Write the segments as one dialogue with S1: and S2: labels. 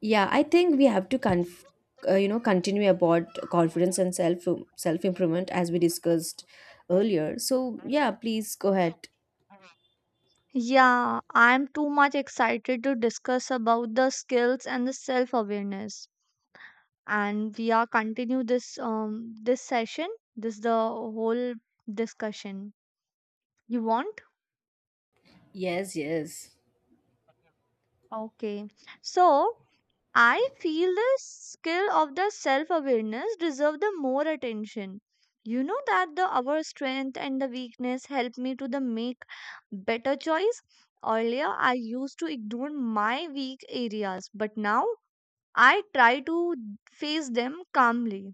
S1: Yeah, I think we have to continue about confidence and self improvement as we discussed earlier. So yeah, please go ahead.
S2: Yeah, I'm too much excited to discuss about the skills and the self-awareness. And we are continue this this session, this the whole discussion. You want?
S1: Yes, yes.
S2: Okay. So I feel the skill of the self-awareness deserve the more attention. You know that the our strength and the weakness help me to the make better choice. Earlier I used to ignore my weak areas, but now I try to face them calmly.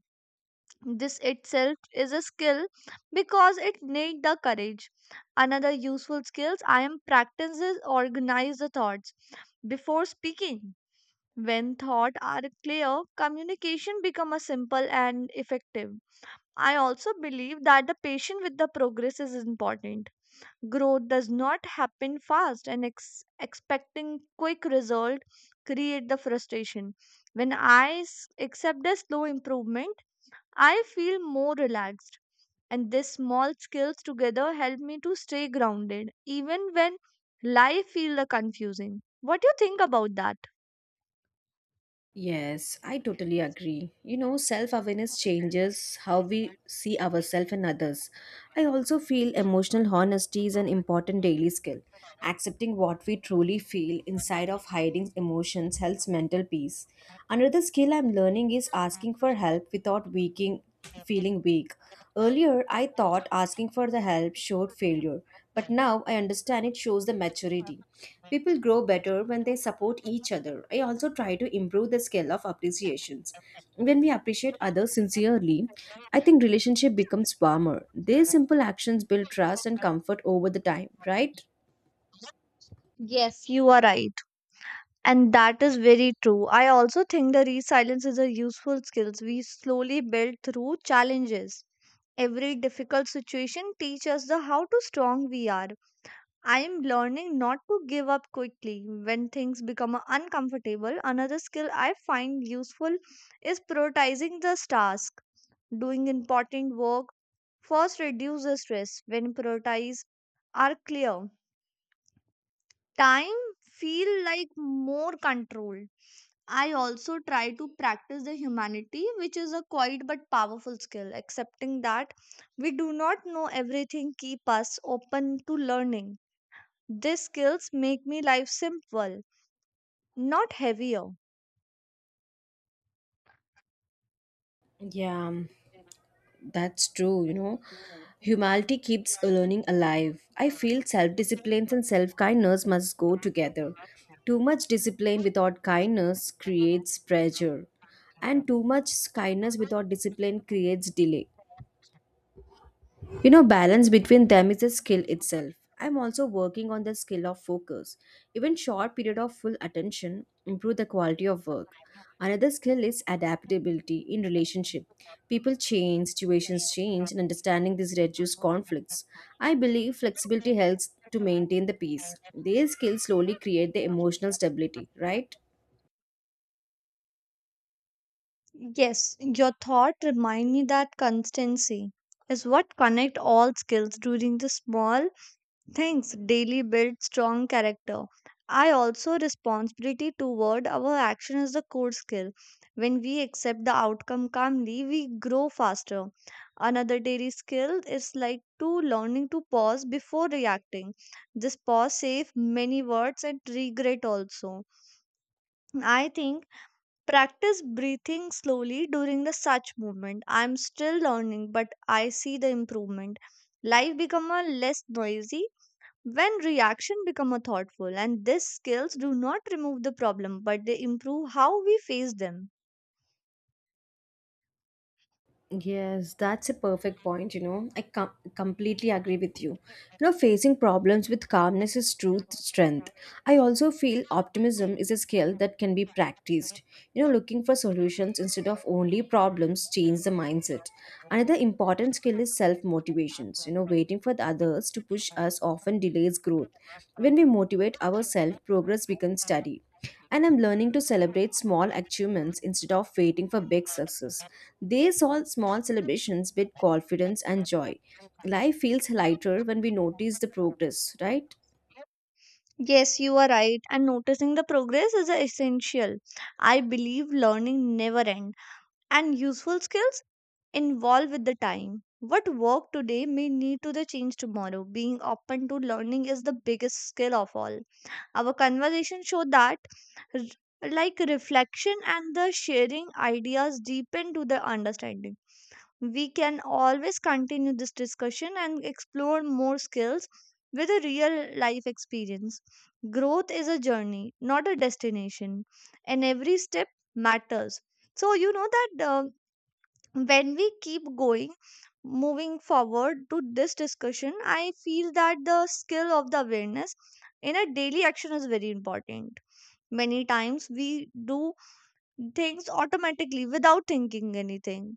S2: This itself is a skill because it need the courage. Another useful skills I am practices organize the thoughts before speaking. When thoughts are clear, communication become a simple and effective. I also believe that the patience with the progress is important. Growth does not happen fast, and expecting quick result create the frustration. When I accept the slow improvement, I feel more relaxed, and these small skills together help me to stay grounded, even when life feel the confusing. What do you think about that?
S1: Yes, I totally agree. You know, self awareness changes how we see ourselves and others. I also feel emotional honesty is an important daily skill. Accepting what we truly feel inside of hiding emotions helps mental peace. Another skill I'm learning is asking for help without weakening feeling weak. Earlier, I thought asking for the help showed failure, but now I understand it shows the maturity. People grow better when they support each other. I also try to improve the skill of appreciations. When we appreciate others sincerely, I think relationship becomes warmer. These simple actions build trust and comfort over the time, right?
S2: Yes, you are right. And that is very true. I also think the resilience is a useful skills we slowly build through challenges. Every difficult situation teaches us the how to strong we are. I am learning not to give up quickly when things become uncomfortable. Another skill I find useful is prioritizing the task. Doing important work first reduce the stress when priorities are clear. Time feel like more control. I also try to practice the humanity, which is a quiet but powerful skill, accepting that we do not know everything, keep us open to learning. These skills make me life simple, not heavier.
S1: Yeah. That's true, you know. Humanity keeps learning alive. I feel self discipline and self kindness must go together. Too much discipline without kindness creates pressure, and too much kindness without discipline creates delay. You know, balance between them is a skill itself. I'm also working on the skill of focus. Even short period of full attention improve the quality of work. Another skill is adaptability in relationship. People change, situations change, and understanding this reduces conflicts. I believe flexibility helps to maintain the peace. These skills slowly create the emotional stability, right?
S2: Yes, your thought remind me that constancy is what connect all skills during the small things daily build strong character. I also responsibility toward our action is the core skill. When we accept the outcome calmly, we grow faster. Another daily skill is like to learning to pause before reacting. This pause save many words and regret also. I think practice breathing slowly during the such movement. I'm still learning, but I see the improvement. Life become a less noisy when reaction become a thoughtful, and these skills do not remove the problem but they improve how we face them.
S1: Yes, that's a perfect point. You know, completely agree with you. You know, facing problems with calmness is truth strength. I also feel optimism is a skill that can be practiced. You know, looking for solutions instead of only problems change the mindset. Another important skill is self motivations. You know, waiting for the others to push us often delays growth. When we motivate ourselves, progress becomes steady, and I'm learning to celebrate small achievements instead of waiting for big success. These all small celebrations build confidence and joy. Life feels lighter when we notice the progress, right?
S2: Yes, you are right, and noticing the progress is essential. I believe learning never end, and useful skills evolve with the time. What work today may need to the change tomorrow. Being open to learning is the biggest skill of all. Our conversation show that, r- like, reflection and the sharing ideas deepen to the understanding. We can always continue this discussion and explore more skills with a real life experience. Growth is a journey, not a destination, and every step matters. So, you know that when we keep going, moving forward to this discussion, I feel that the skill of the awareness in a daily action is very important. Many times we do things automatically without thinking anything.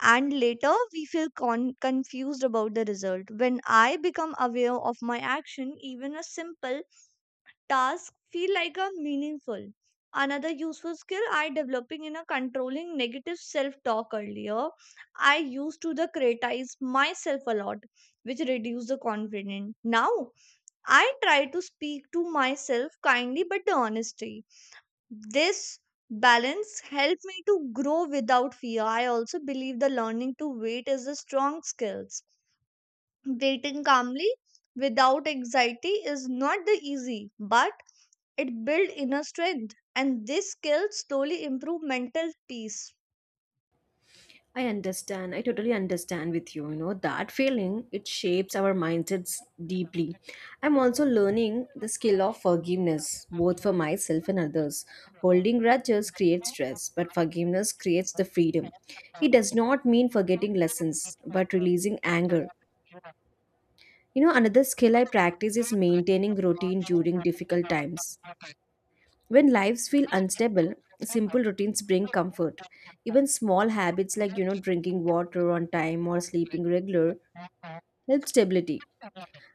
S2: And later, we feel confused about the result. When I become aware of my action, even a simple task feel like a meaningful. Another useful skill I developing in a controlling negative self-talk earlier. I used to the criticize myself a lot, which reduced the confidence. Now I try to speak to myself kindly but the honesty. This balance helped me to grow without fear. I also believe the learning to wait is a strong skills. Waiting calmly without anxiety is not the easy, but it builds inner strength, and this skill slowly improve mental peace.
S1: I understand. I totally understand with you. You know, that feeling, it shapes our mindsets deeply. I'm also learning the skill of forgiveness, both for myself and others. Holding grudges creates stress, but forgiveness creates the freedom. It does not mean forgetting lessons, but releasing anger. You know, another skill I practice is maintaining routine during difficult times. When lives feel unstable, simple routines bring comfort. Even small habits like, drinking water on time or sleeping regular help stability.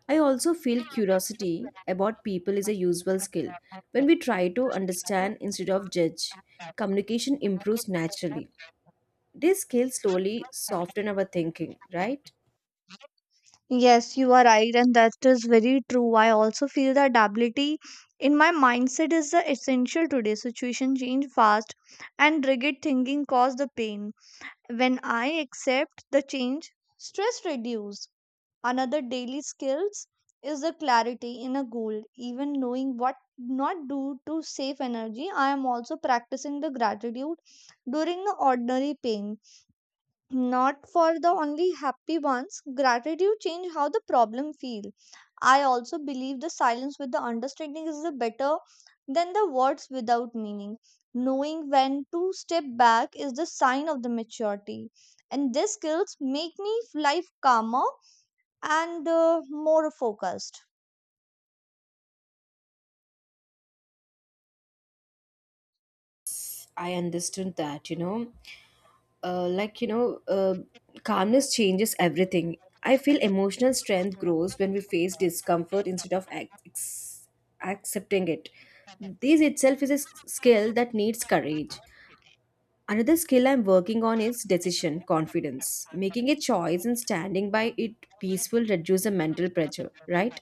S1: I also feel curiosity about people is a useful skill. When we try to understand instead of judge, communication improves naturally. These skills slowly soften our thinking, right?
S2: Yes, you are right, and that is very true. I also feel that ability in my mindset is the essential today. Situation change fast and rigid thinking cause the pain. When I accept the change, stress reduces. Another daily skills is the clarity in a goal. Even knowing what not do to save energy, I am also practicing the gratitude during the ordinary pain, not for the only happy ones. Gratitude change how the problem feel. I also believe the silence with the understanding is the better than the words without meaning. Knowing when to step back is the sign of the maturity, and these skills make me life calmer and more focused.
S1: I understood that, you know. uh, like you know uh, Calmness changes everything. I feel emotional strength grows when we face discomfort instead of accepting it. This itself is a skill that needs courage. Another skill I'm working on is decision confidence. Making a choice and standing by it peaceful reduce the mental pressure, right?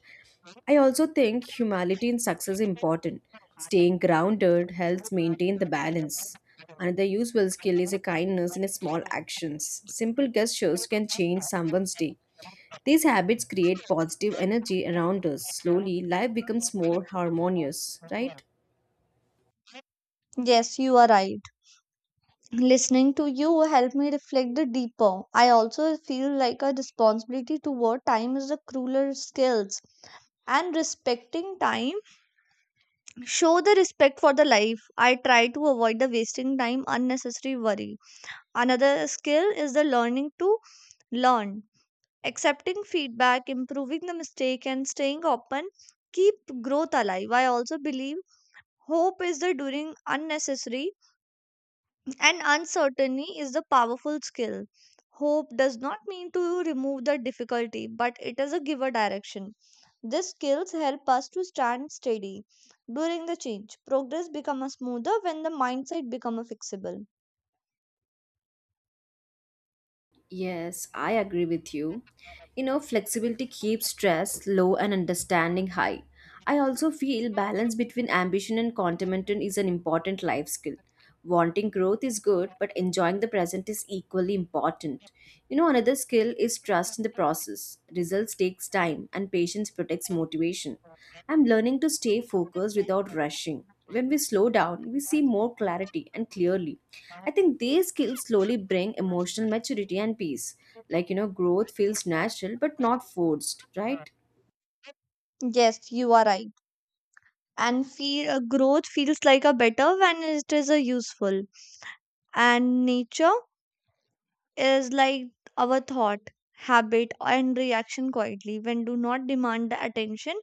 S1: I also think humility in success is important. Staying grounded helps maintain the balance. Another useful skill is a kindness in small actions. Simple gestures can change someone's day. These habits create positive energy around us. Slowly, life becomes more harmonious, right?
S2: Yes, you are right. Listening to you helped me reflect the deeper. I also feel like a responsibility toward time is the crueler skills, and respecting time show the respect for the life. I try to avoid the wasting time unnecessary worry. Another skill is the learning to learn, accepting feedback, improving the mistake and staying open keep growth alive. I also believe hope is the during unnecessary and uncertainty is a powerful skill. Hope does not mean to remove the difficulty, but it is a giver direction. These skills help us to stand steady during the change. Progress becomes smoother when the mindset becomes fixable.
S1: Yes, I agree with you. You know, flexibility keeps stress low and understanding high. I also feel balance between ambition and contentment is an important life skill. Wanting growth is good, but enjoying the present is equally important. You know, another skill is trust in the process. Results takes time and patience protects motivation. I'm learning to stay focused without rushing. When we slow down, we see more clarity and clearly. I think these skills slowly bring emotional maturity and peace. Growth feels natural but not forced, right?
S2: Yes, you are right. And feel, growth feels like a better when it is a useful. And nature is like our thought, habit, and reaction quietly when do not demand the attention,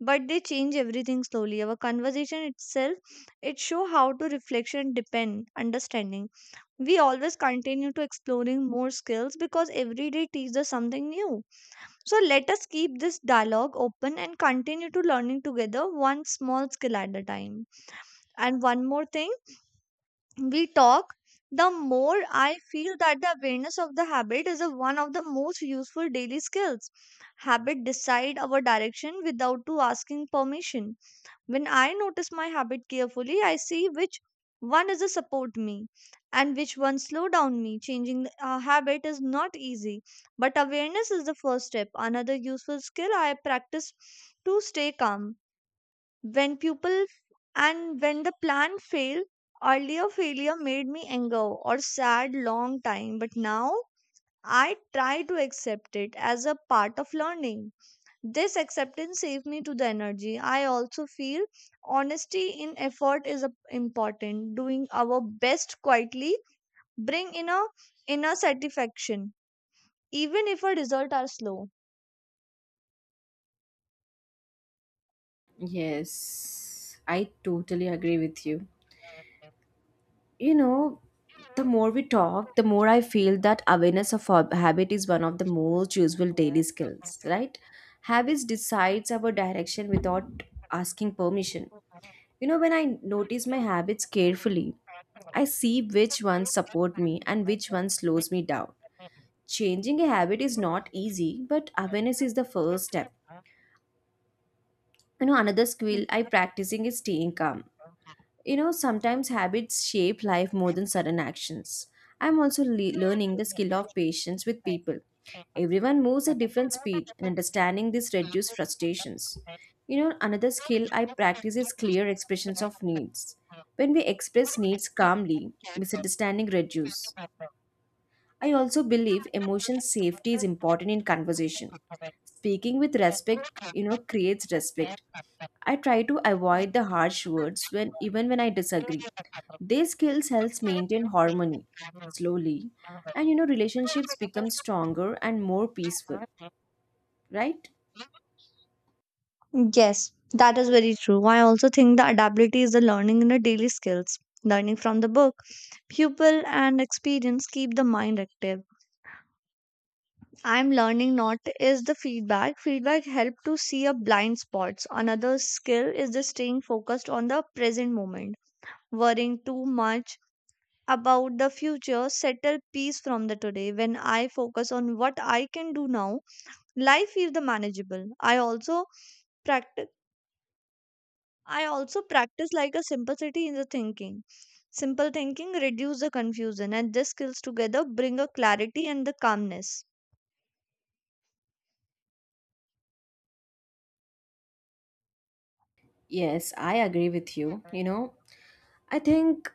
S2: but they change everything slowly. Our conversation itself, it show how to reflection depend understanding. We always continue to exploring more skills because every day teaches us something new. So let us keep this dialogue open and continue to learning together one small skill at a time. And one more thing, we talk, the more I feel that the awareness of the habit is a, one of the most useful daily skills. Habit decide our direction without to asking permission. When I notice my habit carefully, I see which one is a support me and which one slow down me. Changing a habit is not easy, but awareness is the first step. Another useful skill I practice to stay calm when people and when the plan failed, earlier failure made me anger or sad long time, but now I try to accept it as a part of learning. This acceptance saved me to the energy. I also feel honesty in effort is important. Doing our best quietly bring in a inner satisfaction, even if our results are slow.
S1: Yes, I totally agree with you. You know, the more we talk, the more I feel that awareness of habit is one of the most useful daily skills, right? Habits decides our direction without asking permission. You know, when I notice my habits carefully, I see which ones support me and which ones slows me down. Changing a habit is not easy, but awareness is the first step. You know, another skill I practicing is staying calm. You know, sometimes habits shape life more than sudden actions. I'm also learning the skill of patience with people. Everyone moves at different speed, and understanding this reduces frustrations. You know, another skill I practice is clear expressions of needs. When we express needs calmly, misunderstanding reduce. I also believe emotion safety is important in conversation. Speaking with respect, you know, creates respect. I try to avoid the harsh words when even when I disagree. These skills helps maintain harmony slowly, and you know relationships become stronger and more peaceful, right?
S2: Yes, that is very true. I also think the adaptability is the learning in the daily skills. Learning from the book, pupil and experience keep the mind active. I'm learning not is the feedback. Feedback help to see a blind spots. Another skill is the staying focused on the present moment. Worrying too much about the future settle peace from the today. When I focus on what I can do now, life is the manageable. Practice I also practice like a simplicity in the thinking. Simple thinking reduce the confusion, and these skills together bring a clarity and the calmness.
S1: Yes, I agree with you. You know, I think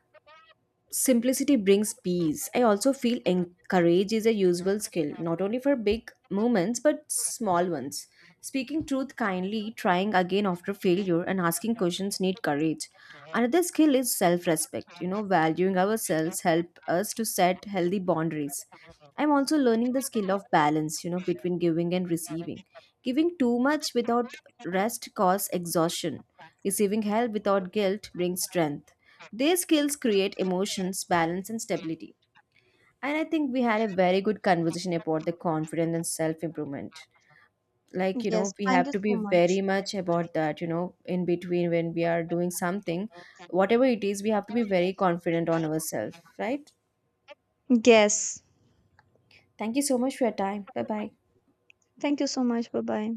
S1: simplicity brings peace. I also feel encourage is a useful skill, not only for big moments but small ones. Speaking truth kindly, trying again after failure, and asking questions need courage. Another skill is self-respect. You know, valuing ourselves help us to set healthy boundaries. I'm also learning the skill of balance, you know, between giving and receiving. Giving too much without rest causes exhaustion. Receiving help without guilt brings strength. Their skills create emotions, balance, and stability. And I think we had a very good conversation about the confidence and self improvement. Like, you know,
S2: Yes,
S1: we
S2: thank
S1: have
S2: you
S1: to be
S2: so
S1: very
S2: much.
S1: much about that, you know, in between when we are doing something, whatever it is, we have to be very confident on ourselves, right?
S2: Yes.
S1: Thank you so much for your time. Bye bye.
S2: Thank you so much. Bye bye.